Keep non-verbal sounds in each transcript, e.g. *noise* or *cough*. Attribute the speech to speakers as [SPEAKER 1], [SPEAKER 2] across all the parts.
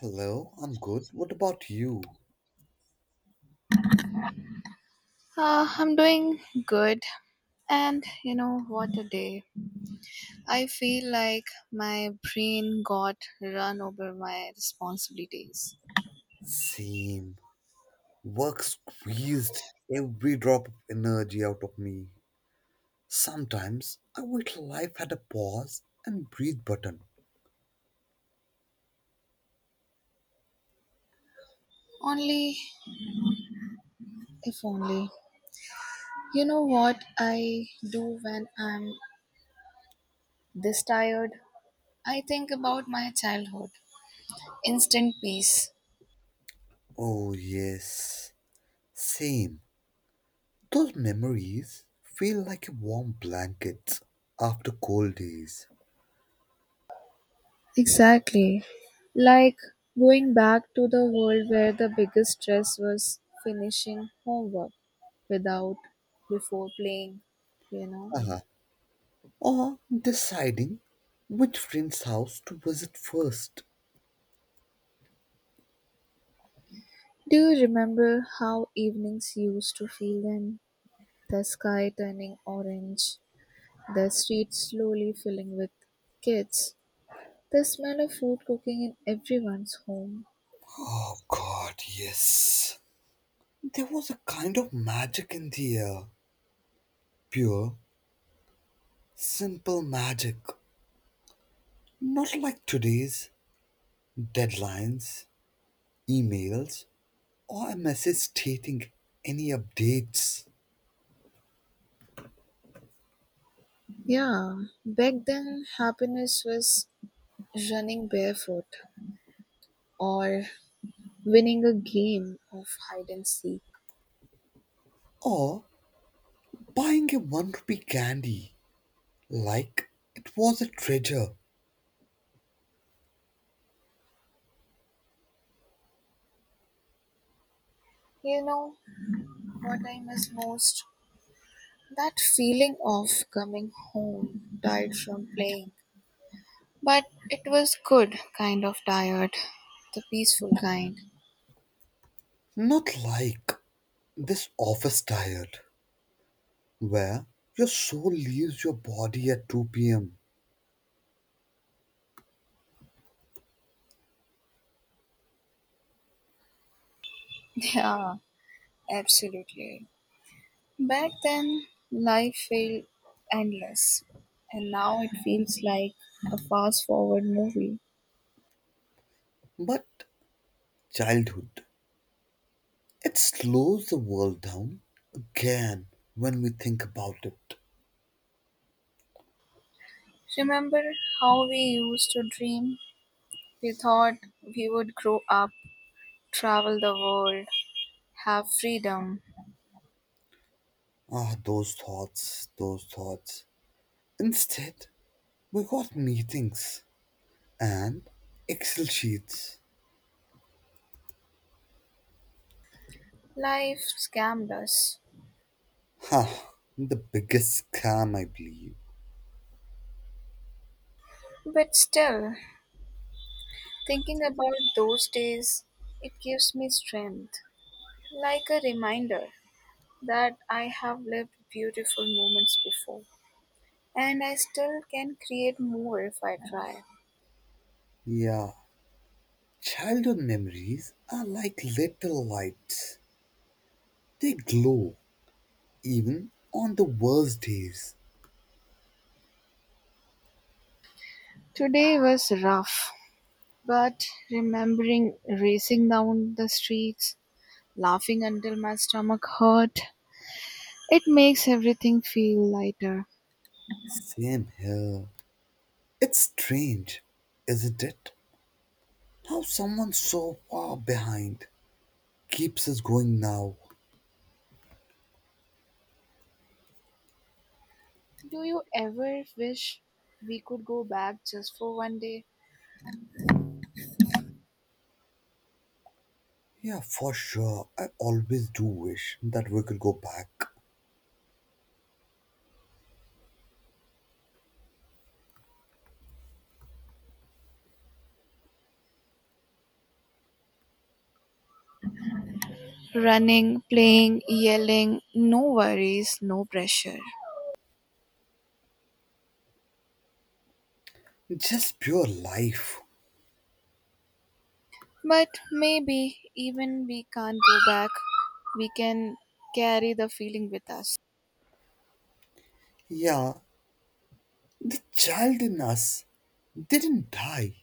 [SPEAKER 1] Hello, I'm good. What about you?
[SPEAKER 2] I'm doing good, and you know what a day. I feel like my brain got run over my responsibilities.
[SPEAKER 1] Same. Work squeezed every drop of energy out of me. Sometimes I wish life had a pause and breathe button.
[SPEAKER 2] Only If only. You know what I do when I'm this tired? I think about my childhood. Instant peace.
[SPEAKER 1] Oh, yes. Same. Those memories feel like a warm blanket after cold days.
[SPEAKER 2] Exactly. Like going back to the world where the biggest stress was finishing homework without before playing, you know.
[SPEAKER 1] Uh-huh. Or deciding which friend's house to visit first.
[SPEAKER 2] Do you remember how evenings used to feel then? The sky turning orange, the streets slowly filling with kids, the smell of food cooking in everyone's home.
[SPEAKER 1] Oh, God, yes. There was a kind of magic in the air. Pure, simple magic. Not like today's deadlines, emails, or a message stating any updates,
[SPEAKER 2] Yeah, back then happiness was running barefoot or winning a game of hide and seek.
[SPEAKER 1] or buying a one rupee candy like it was a treasure.
[SPEAKER 2] You know what I miss most? That feeling of coming home, tired from playing, but it was good, kind of tired, the peaceful kind.
[SPEAKER 1] Not like this office tired, where your soul leaves your body at 2 pm.
[SPEAKER 2] Yeah, absolutely. Back then, life felt endless, and now it feels like a fast forward movie.
[SPEAKER 1] But childhood, it slows the world down again when we think about it.
[SPEAKER 2] Remember how we used to dream? We thought we would grow up, travel the world, have freedom.
[SPEAKER 1] Ah, those thoughts, those thoughts. Instead, we got meetings and Excel sheets.
[SPEAKER 2] Life scammed us.
[SPEAKER 1] Ha, the biggest scam, I believe.
[SPEAKER 2] But still, thinking about those days, it gives me strength, like a reminder that I have lived beautiful moments before and I still can create more if I try.
[SPEAKER 1] Yeah, childhood memories are like little lights, they glow even on the worst days.
[SPEAKER 2] Today was rough, but remembering racing down the streets, laughing until my stomach hurt, it makes everything feel lighter.
[SPEAKER 1] Same here. It's strange, isn't it? How someone so far behind keeps us going now.
[SPEAKER 2] Do you ever wish we could go back just for one day?
[SPEAKER 1] Yeah, for sure. I always do wish that we could go back.
[SPEAKER 2] Running, playing, yelling, no worries, no pressure.
[SPEAKER 1] Just pure life.
[SPEAKER 2] But maybe even we can't go back, we can carry the feeling with us.
[SPEAKER 1] Yeah, the child in us didn't die.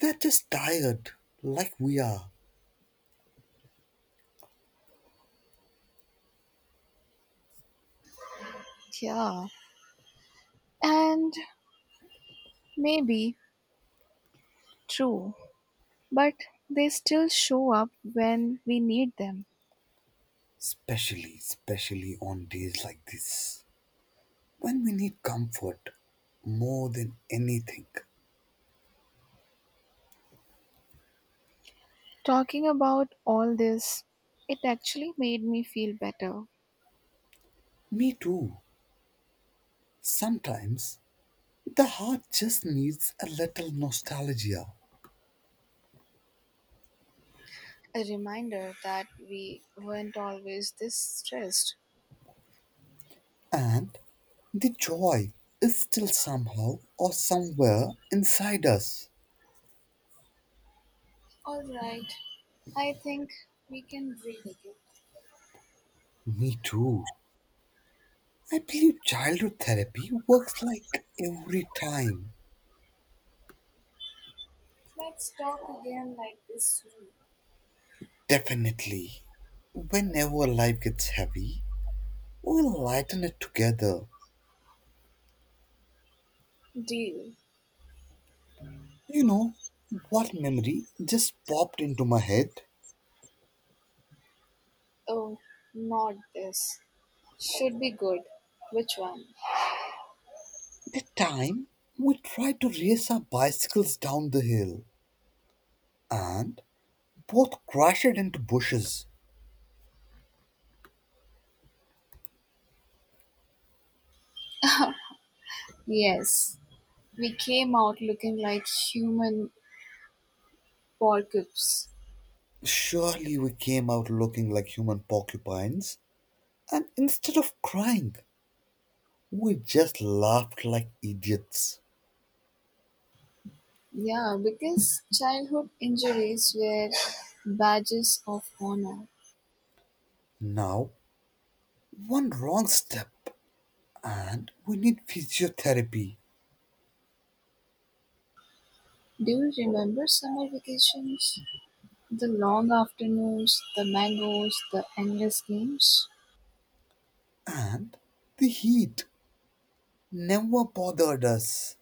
[SPEAKER 1] They're just tired, like we are.
[SPEAKER 2] Yeah. And maybe true, but they still show up when we need them.
[SPEAKER 1] Especially on days like this. When we need comfort more than anything.
[SPEAKER 2] Talking about all this, it actually made me feel better.
[SPEAKER 1] Me too. Sometimes the heart just needs a little nostalgia.
[SPEAKER 2] A reminder that we weren't always this stressed.
[SPEAKER 1] And the joy is still somehow or somewhere inside us.
[SPEAKER 2] All right, I think we can breathe again.
[SPEAKER 1] Me too. I believe childhood therapy works like every time.
[SPEAKER 2] Let's talk again like this soon.
[SPEAKER 1] Definitely. Whenever life gets heavy, we'll lighten it together.
[SPEAKER 2] Deal.
[SPEAKER 1] You know, what memory just popped into my head?
[SPEAKER 2] Oh, not this. Should be good. Which one?
[SPEAKER 1] The time we tried to race our bicycles down the hill and both crashed into bushes.
[SPEAKER 2] Yes, we came out looking like human porcupes.
[SPEAKER 1] Surely we came out looking like human porcupines, and instead of crying, we just laughed like idiots.
[SPEAKER 2] Yeah, because childhood injuries were badges of honor.
[SPEAKER 1] Now, one wrong step, and we need physiotherapy.
[SPEAKER 2] Do you remember summer vacations? The long afternoons, the mangoes, the endless games?
[SPEAKER 1] And the heat never bothered us.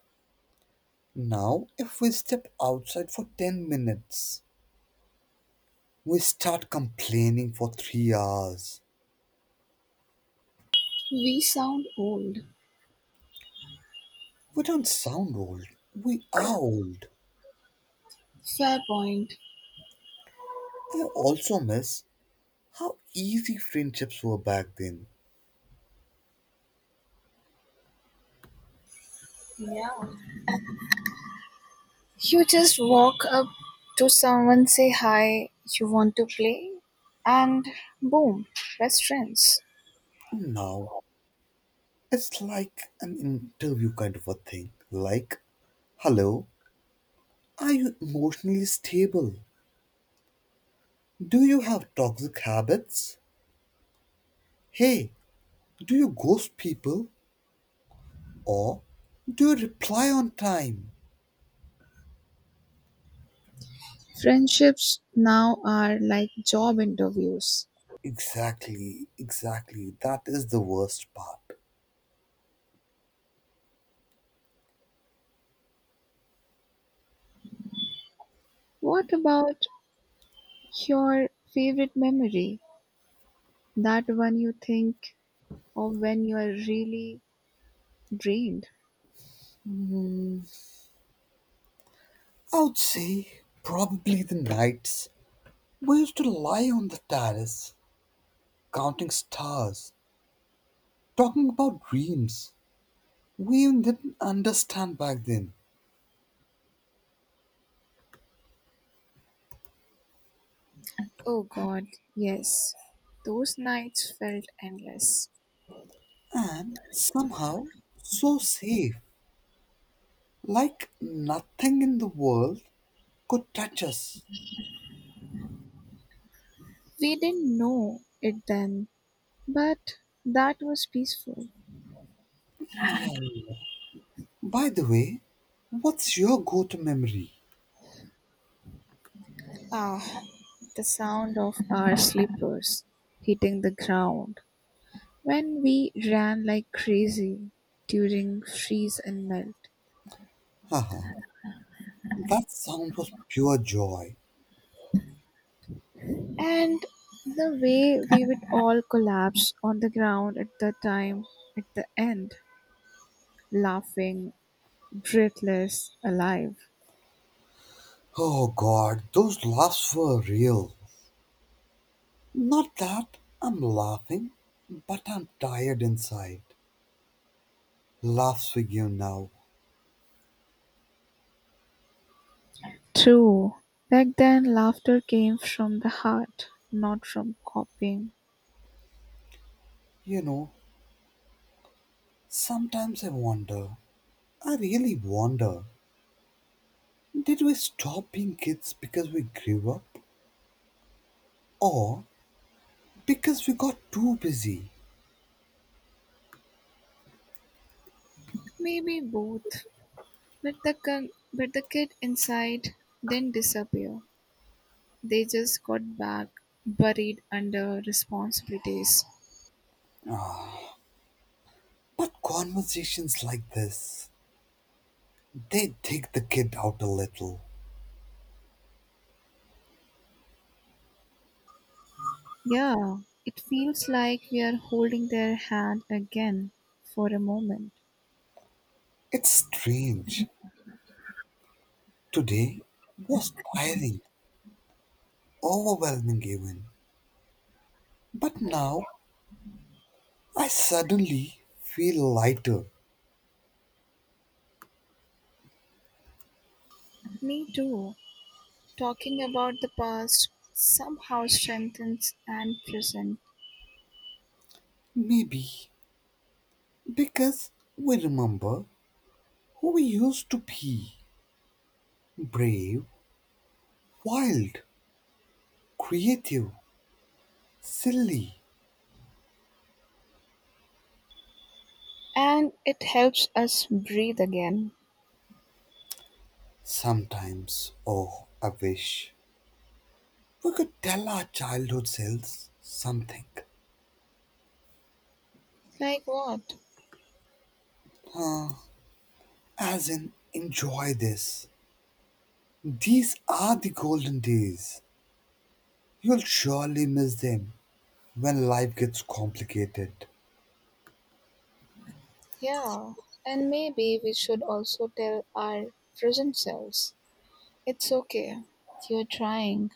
[SPEAKER 1] Now, if we step outside for 10 minutes, we start complaining for 3 hours.
[SPEAKER 2] We sound old.
[SPEAKER 1] We don't sound old, we are old.
[SPEAKER 2] Fair point.
[SPEAKER 1] I also miss how easy friendships were back then.
[SPEAKER 2] Yeah. You just walk up to someone, say hi, you want to play, and boom, best friends.
[SPEAKER 1] And now it's like an interview kind of a thing. Like, hello, are you emotionally stable? Do you have toxic habits? Hey, do you ghost people? Or do you reply on time?
[SPEAKER 2] Friendships now are like job interviews.
[SPEAKER 1] Exactly. That is the worst part.
[SPEAKER 2] What about your favorite memory? That one you think of when you are really drained?
[SPEAKER 1] I would say probably the nights we used to lie on the terrace, counting stars, talking about dreams, we didn't understand back then,
[SPEAKER 2] Oh god, yes. Those nights felt endless.
[SPEAKER 1] and somehow so safe, like nothing in the world could touch us.
[SPEAKER 2] We didn't know it then, but that was peaceful.
[SPEAKER 1] Yeah, by the way, what's your go-to memory?
[SPEAKER 2] Ah, the sound of our slippers hitting the ground when we ran like crazy during freeze and melt.
[SPEAKER 1] Haha, that sound was pure joy.
[SPEAKER 2] And the way we would all collapse on the ground at the end, laughing, breathless, alive.
[SPEAKER 1] Oh god, those laughs were real, not that I'm laughing, but I'm tired inside, laughs with you now.
[SPEAKER 2] True. Back then, laughter came from the heart, not from copying.
[SPEAKER 1] You know, sometimes I really wonder, did we stop being kids because we grew up, or because we got too busy?
[SPEAKER 2] Maybe both. But the kid inside didn't disappear. They just got back, buried under responsibilities.
[SPEAKER 1] But conversations like this, they take the kid out a little.
[SPEAKER 2] Yeah, it feels like we are holding their hand again for a moment.
[SPEAKER 1] It's strange. Today was tiring, overwhelming even. But now I suddenly feel lighter.
[SPEAKER 2] Me too. Talking about the past somehow strengthens and present,
[SPEAKER 1] Maybe because we remember who we used to be: brave, wild, creative, silly.
[SPEAKER 2] and it helps us breathe again.
[SPEAKER 1] Sometimes, oh, I wish we could tell our childhood selves something.
[SPEAKER 2] Like what?
[SPEAKER 1] As in, enjoy this. These are the golden days. You'll surely miss them when life gets complicated.
[SPEAKER 2] Yeah, and maybe we should also tell our present selves it's okay. You're trying,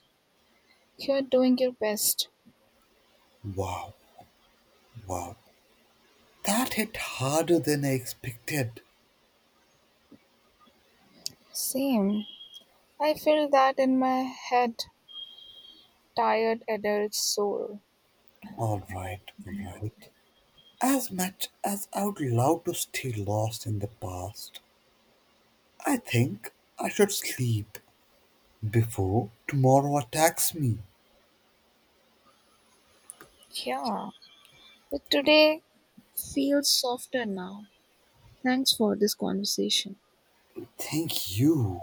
[SPEAKER 2] you're doing your best.
[SPEAKER 1] Wow, wow. That hit harder than I expected.
[SPEAKER 2] Same. I feel that in my head, tired adult soul.
[SPEAKER 1] Alright, alright. As much as I would love to stay lost in the past, I think I should sleep before tomorrow attacks me.
[SPEAKER 2] Yeah, but today feels softer now. Thanks for this conversation.
[SPEAKER 1] Thank you.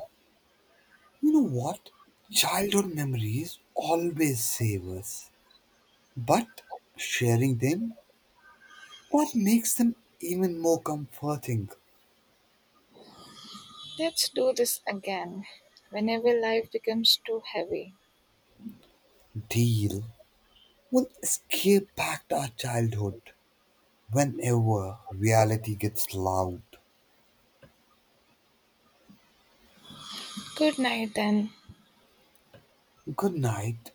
[SPEAKER 1] You know what? Childhood memories always save us, but sharing them, what makes them even more comforting?
[SPEAKER 2] Let's do this again whenever life becomes too heavy.
[SPEAKER 1] Deal. We'll escape back to our childhood whenever reality gets loud.
[SPEAKER 2] Good night then.
[SPEAKER 1] Good night,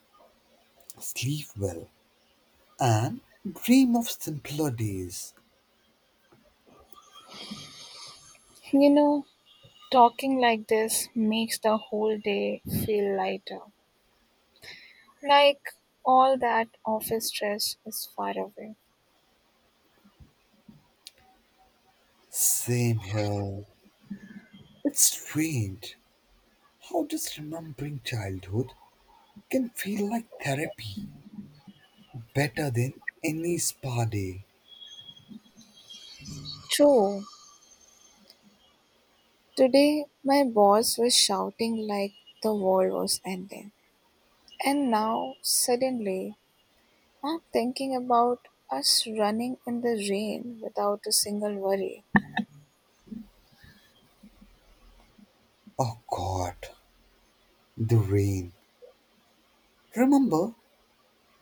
[SPEAKER 1] sleep well, and dream of simpler days.
[SPEAKER 2] You know, talking like this makes the whole day feel lighter. Like all that office stress is far away.
[SPEAKER 1] Same here. It's strange how just remembering childhood can feel like therapy, better than any spa day.
[SPEAKER 2] True. Today my boss was shouting like the world was ending. And now, suddenly, I'm thinking about us running in the rain without a single worry.
[SPEAKER 1] Oh god, the rain. Remember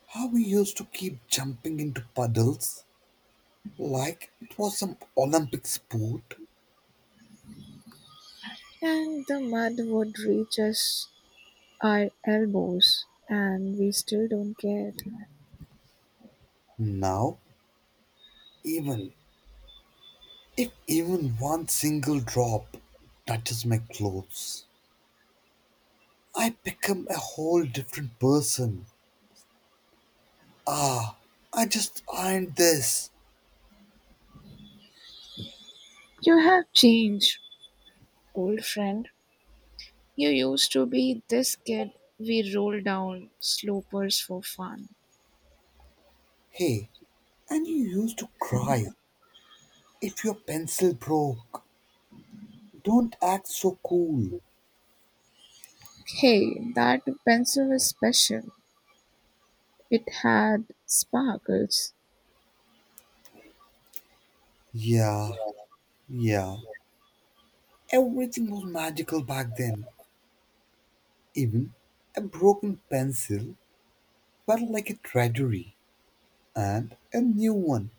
[SPEAKER 1] how we used to keep jumping into puddles like it was some Olympic sport?
[SPEAKER 2] And the mud would reach us our elbows, and we still don't care.
[SPEAKER 1] Now, even if even one single drop touches my clothes, I become a whole different person. Ah, I just ironed this.
[SPEAKER 2] You have changed, old friend. You used to be this kid we rolled down slopers for fun.
[SPEAKER 1] Hey, and you used to cry if your pencil broke. Don't act so cool.
[SPEAKER 2] Hey, that pencil was special. It had sparkles.
[SPEAKER 1] Yeah, yeah. Everything was magical back then. Even a broken pencil felt like a treasury, and a new one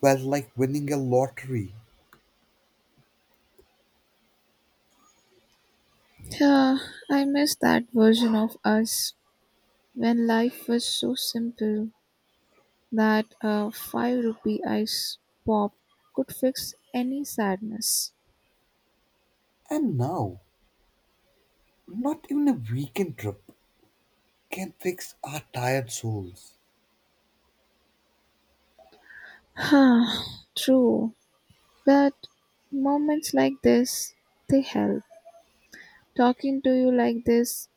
[SPEAKER 1] felt like winning a lottery.
[SPEAKER 2] Yeah, I miss that version of us, when life was so simple that a 5 rupee ice pop could fix any sadness.
[SPEAKER 1] And now, not even a weekend trip can fix our tired souls.
[SPEAKER 2] *sighs* True, but moments like this, they help. Talking to you like this,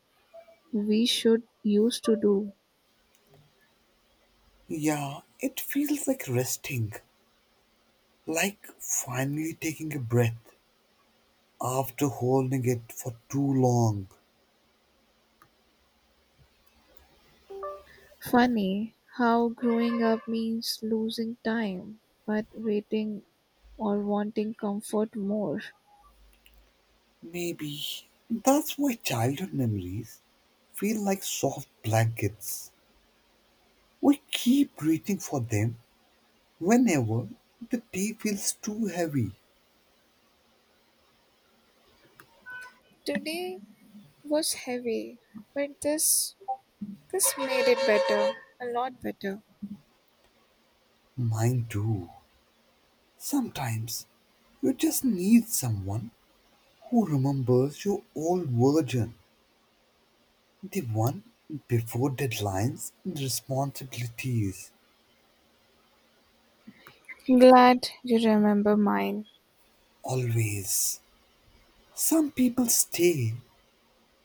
[SPEAKER 2] we should used to do.
[SPEAKER 1] Yeah, it feels like resting, like finally taking a breath after holding it for too long.
[SPEAKER 2] Funny how growing up means losing time, but waiting or wanting comfort more.
[SPEAKER 1] Maybe that's why childhood memories feel like soft blankets. We keep reaching for them whenever the day feels too heavy.
[SPEAKER 2] Today was heavy, but this made it better, a lot better.
[SPEAKER 1] Mine too. Sometimes you just need someone who remembers your old version, the one before deadlines and responsibilities.
[SPEAKER 2] Glad you remember mine.
[SPEAKER 1] Always. Some people stay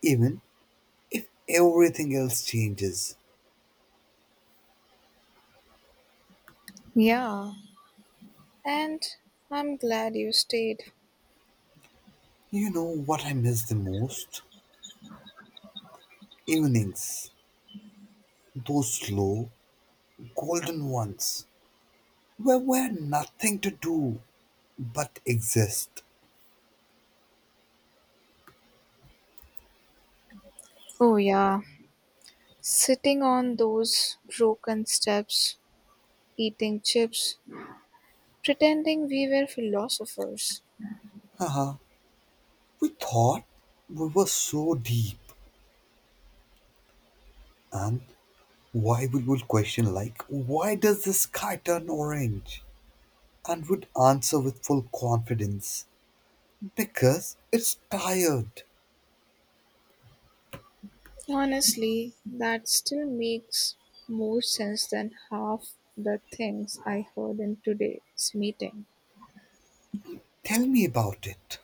[SPEAKER 1] even if everything else changes.
[SPEAKER 2] Yeah, and I'm glad you stayed.
[SPEAKER 1] You know what I miss the most? Evenings. Those slow, golden ones where we had nothing to do but exist.
[SPEAKER 2] Oh, yeah, sitting on those broken steps, eating chips, pretending we were philosophers.
[SPEAKER 1] Haha, we thought we were so deep. And why we would question like, why does the sky turn orange? And would answer with full confidence, because it's tired.
[SPEAKER 2] Honestly, that still makes more sense than half the things I heard in today's meeting.
[SPEAKER 1] Tell me about it.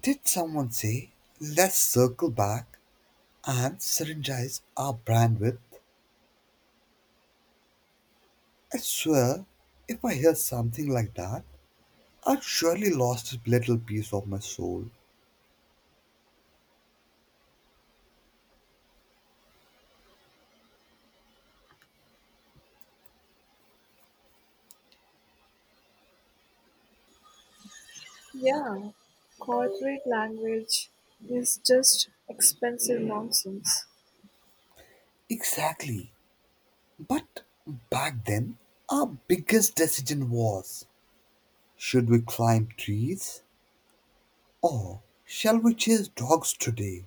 [SPEAKER 1] Did someone say, let's circle back and synergize our brand with. I swear, if I hear something like that, I've surely lost a little piece of my soul.
[SPEAKER 2] Yeah, corporate language is just expensive nonsense.
[SPEAKER 1] Exactly. But back then, our biggest decision was should we climb trees or shall we chase dogs today?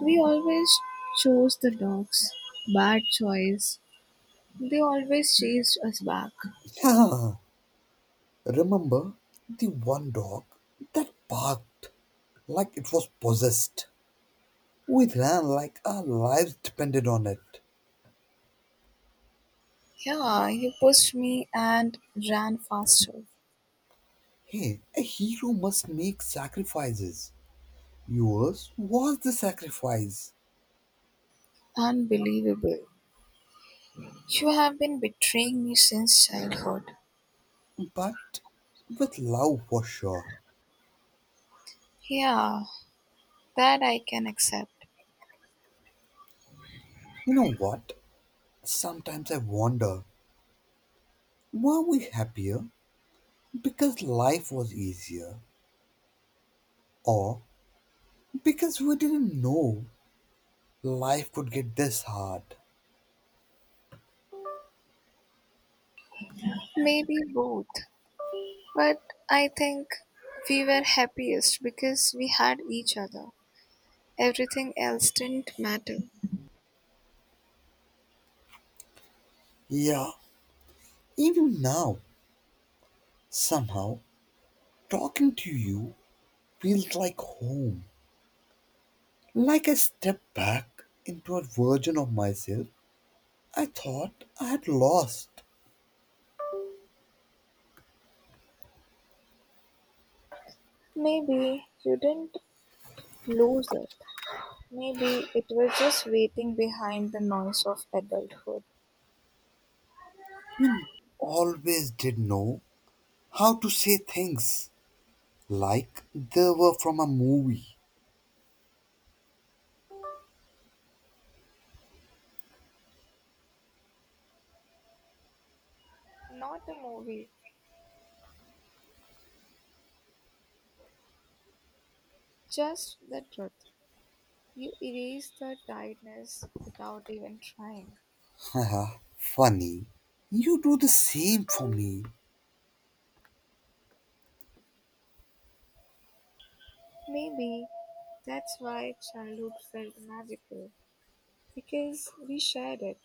[SPEAKER 2] We always chose the dogs. Bad choice. They always chased us back.
[SPEAKER 1] *laughs* Yeah, remember the one dog that barked like it was possessed? We ran like our lives depended on it.
[SPEAKER 2] Yeah, you pushed me and ran faster.
[SPEAKER 1] Hey, a hero must make sacrifices. Yours was the sacrifice,
[SPEAKER 2] Unbelievable. You have been betraying me since childhood.
[SPEAKER 1] but with love for sure.
[SPEAKER 2] Yeah, that I can accept.
[SPEAKER 1] You know what? Sometimes I wonder, were we happier because life was easier, or because we didn't know life could get this hard?
[SPEAKER 2] Maybe both. But I think we were happiest because we had each other. Everything else didn't matter.
[SPEAKER 1] Yeah, even now, somehow, talking to you feels like home, like I step back into a version of myself I thought I had lost.
[SPEAKER 2] Maybe you didn't lose it. Maybe it was just waiting behind the noise of adulthood.
[SPEAKER 1] Always did know how to say things like they were from a movie.
[SPEAKER 2] Not a movie, just the truth. You erase the tiredness without even trying.
[SPEAKER 1] Haha, funny. You do the same for me.
[SPEAKER 2] Maybe that's why childhood felt magical, because we shared it.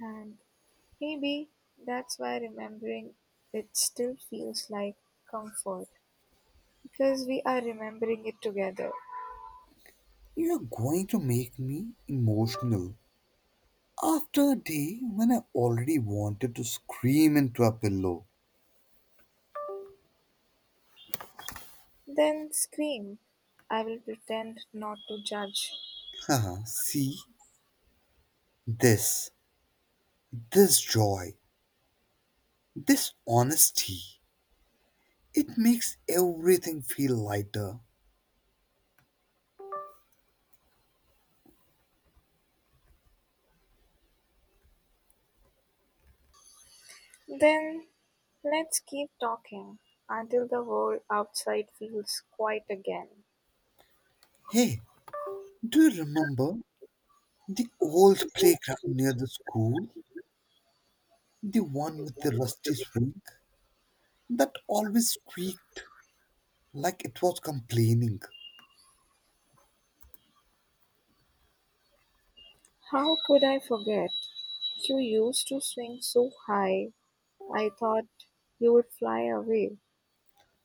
[SPEAKER 2] And maybe that's why remembering it still feels like comfort, because we are remembering it together.
[SPEAKER 1] You're going to make me emotional. After a day when I already wanted to scream into a pillow.
[SPEAKER 2] Then scream. I will pretend not to judge.
[SPEAKER 1] Haha, see? This, this joy, this honesty. It makes everything feel lighter.
[SPEAKER 2] Then, let's keep talking until the world outside feels quiet again.
[SPEAKER 1] Hey, do you remember the old playground near the school, the one with the rusty swing that always squeaked like it was complaining.
[SPEAKER 2] How could I forget? You used to swing so high, I thought you would fly away.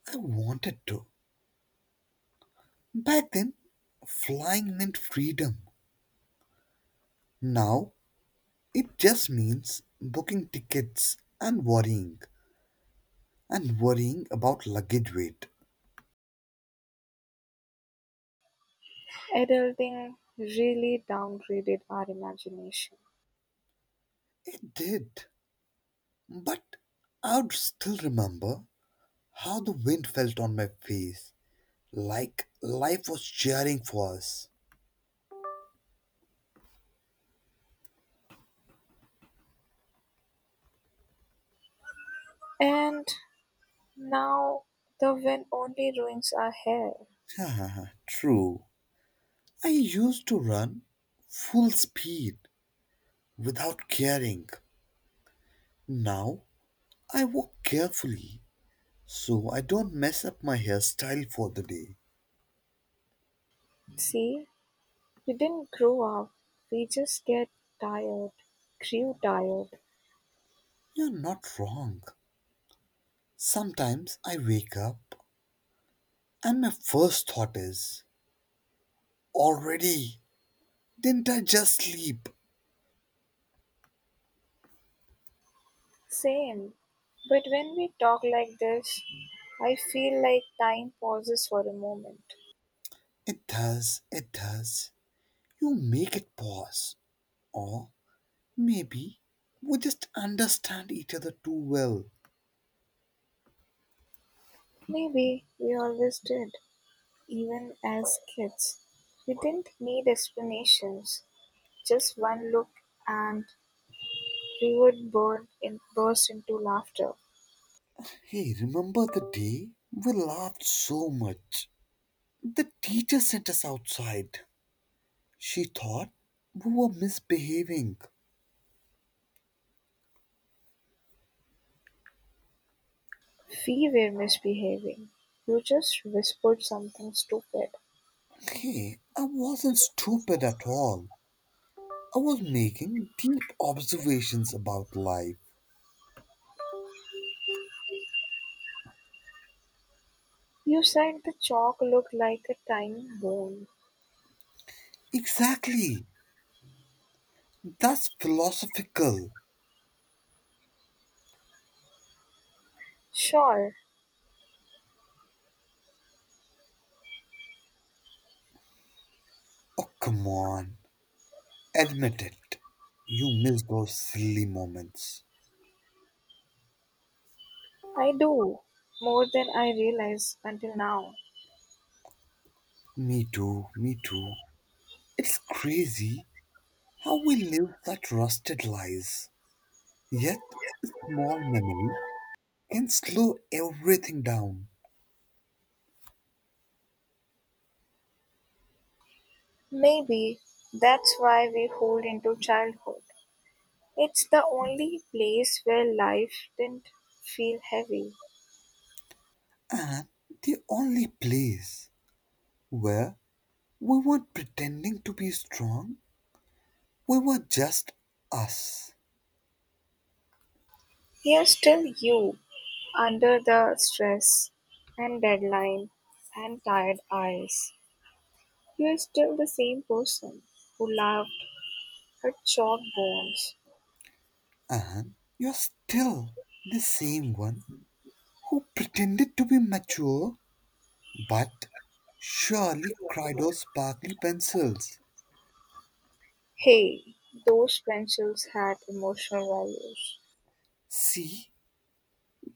[SPEAKER 1] I wanted to. Back then, flying meant freedom. Now, it just means booking tickets and worrying about luggage weight.
[SPEAKER 2] Adulting really downgraded our imagination.
[SPEAKER 1] It did. But I would still remember how the wind felt on my face, like life was cheering for us.
[SPEAKER 2] And now the wind only ruins our hair.
[SPEAKER 1] *laughs* True. I used to run full speed without caring. Now I walk carefully so I don't mess up my hairstyle for the day.
[SPEAKER 2] See, we didn't grow up, we just tired, grew tired.
[SPEAKER 1] You're not wrong. Sometimes I wake up and my first thought is, already? Didn't I just sleep?
[SPEAKER 2] Same. But when we talk like this, I feel like time pauses for a moment.
[SPEAKER 1] It does. You make it pause. Or maybe we just understand each other too well.
[SPEAKER 2] Maybe we always did, even as kids. We didn't need explanations, just one look and we would burst into laughter.
[SPEAKER 1] Hey, remember the day? We laughed so much. The teacher sent us outside. She thought we were misbehaving.
[SPEAKER 2] We were misbehaving. You just whispered something stupid.
[SPEAKER 1] Hey, I wasn't stupid at all. I was making deep observations about life.
[SPEAKER 2] You said the chalk looked like a tiny bone.
[SPEAKER 1] Exactly. That's philosophical.
[SPEAKER 2] Sure,
[SPEAKER 1] Oh, come on. Admit it. You miss those silly moments.
[SPEAKER 2] I do. More than I realize until now.
[SPEAKER 1] Me too. It's crazy how we live such rusted lives. Yet, a small memory can slow everything down.
[SPEAKER 2] Maybe that's why we hold into childhood. It's the only place where life didn't feel heavy.
[SPEAKER 1] And the only place where we weren't pretending to be strong, we were just us.
[SPEAKER 2] Here's still you, under the stress and deadline and tired eyes. You're still the same person who laughed at chalk bones.
[SPEAKER 1] And you're still the same one who pretended to be mature but surely cried those sparkly pencils.
[SPEAKER 2] Hey, those pencils had emotional values.
[SPEAKER 1] See,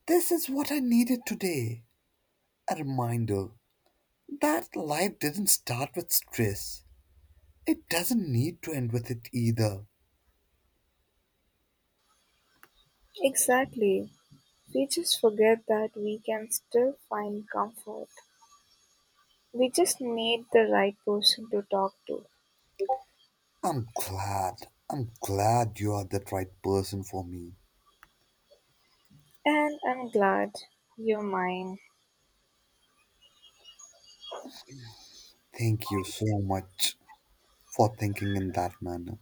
[SPEAKER 1] this is what I needed today, a reminder that life didn't start with stress. It doesn't need to end with it either.
[SPEAKER 2] Exactly. We just forget that we can still find comfort. We just need the right person to talk to.
[SPEAKER 1] I'm glad you are the right person for me.
[SPEAKER 2] And I'm glad you're mine.
[SPEAKER 1] Thank you so much for thinking in that manner.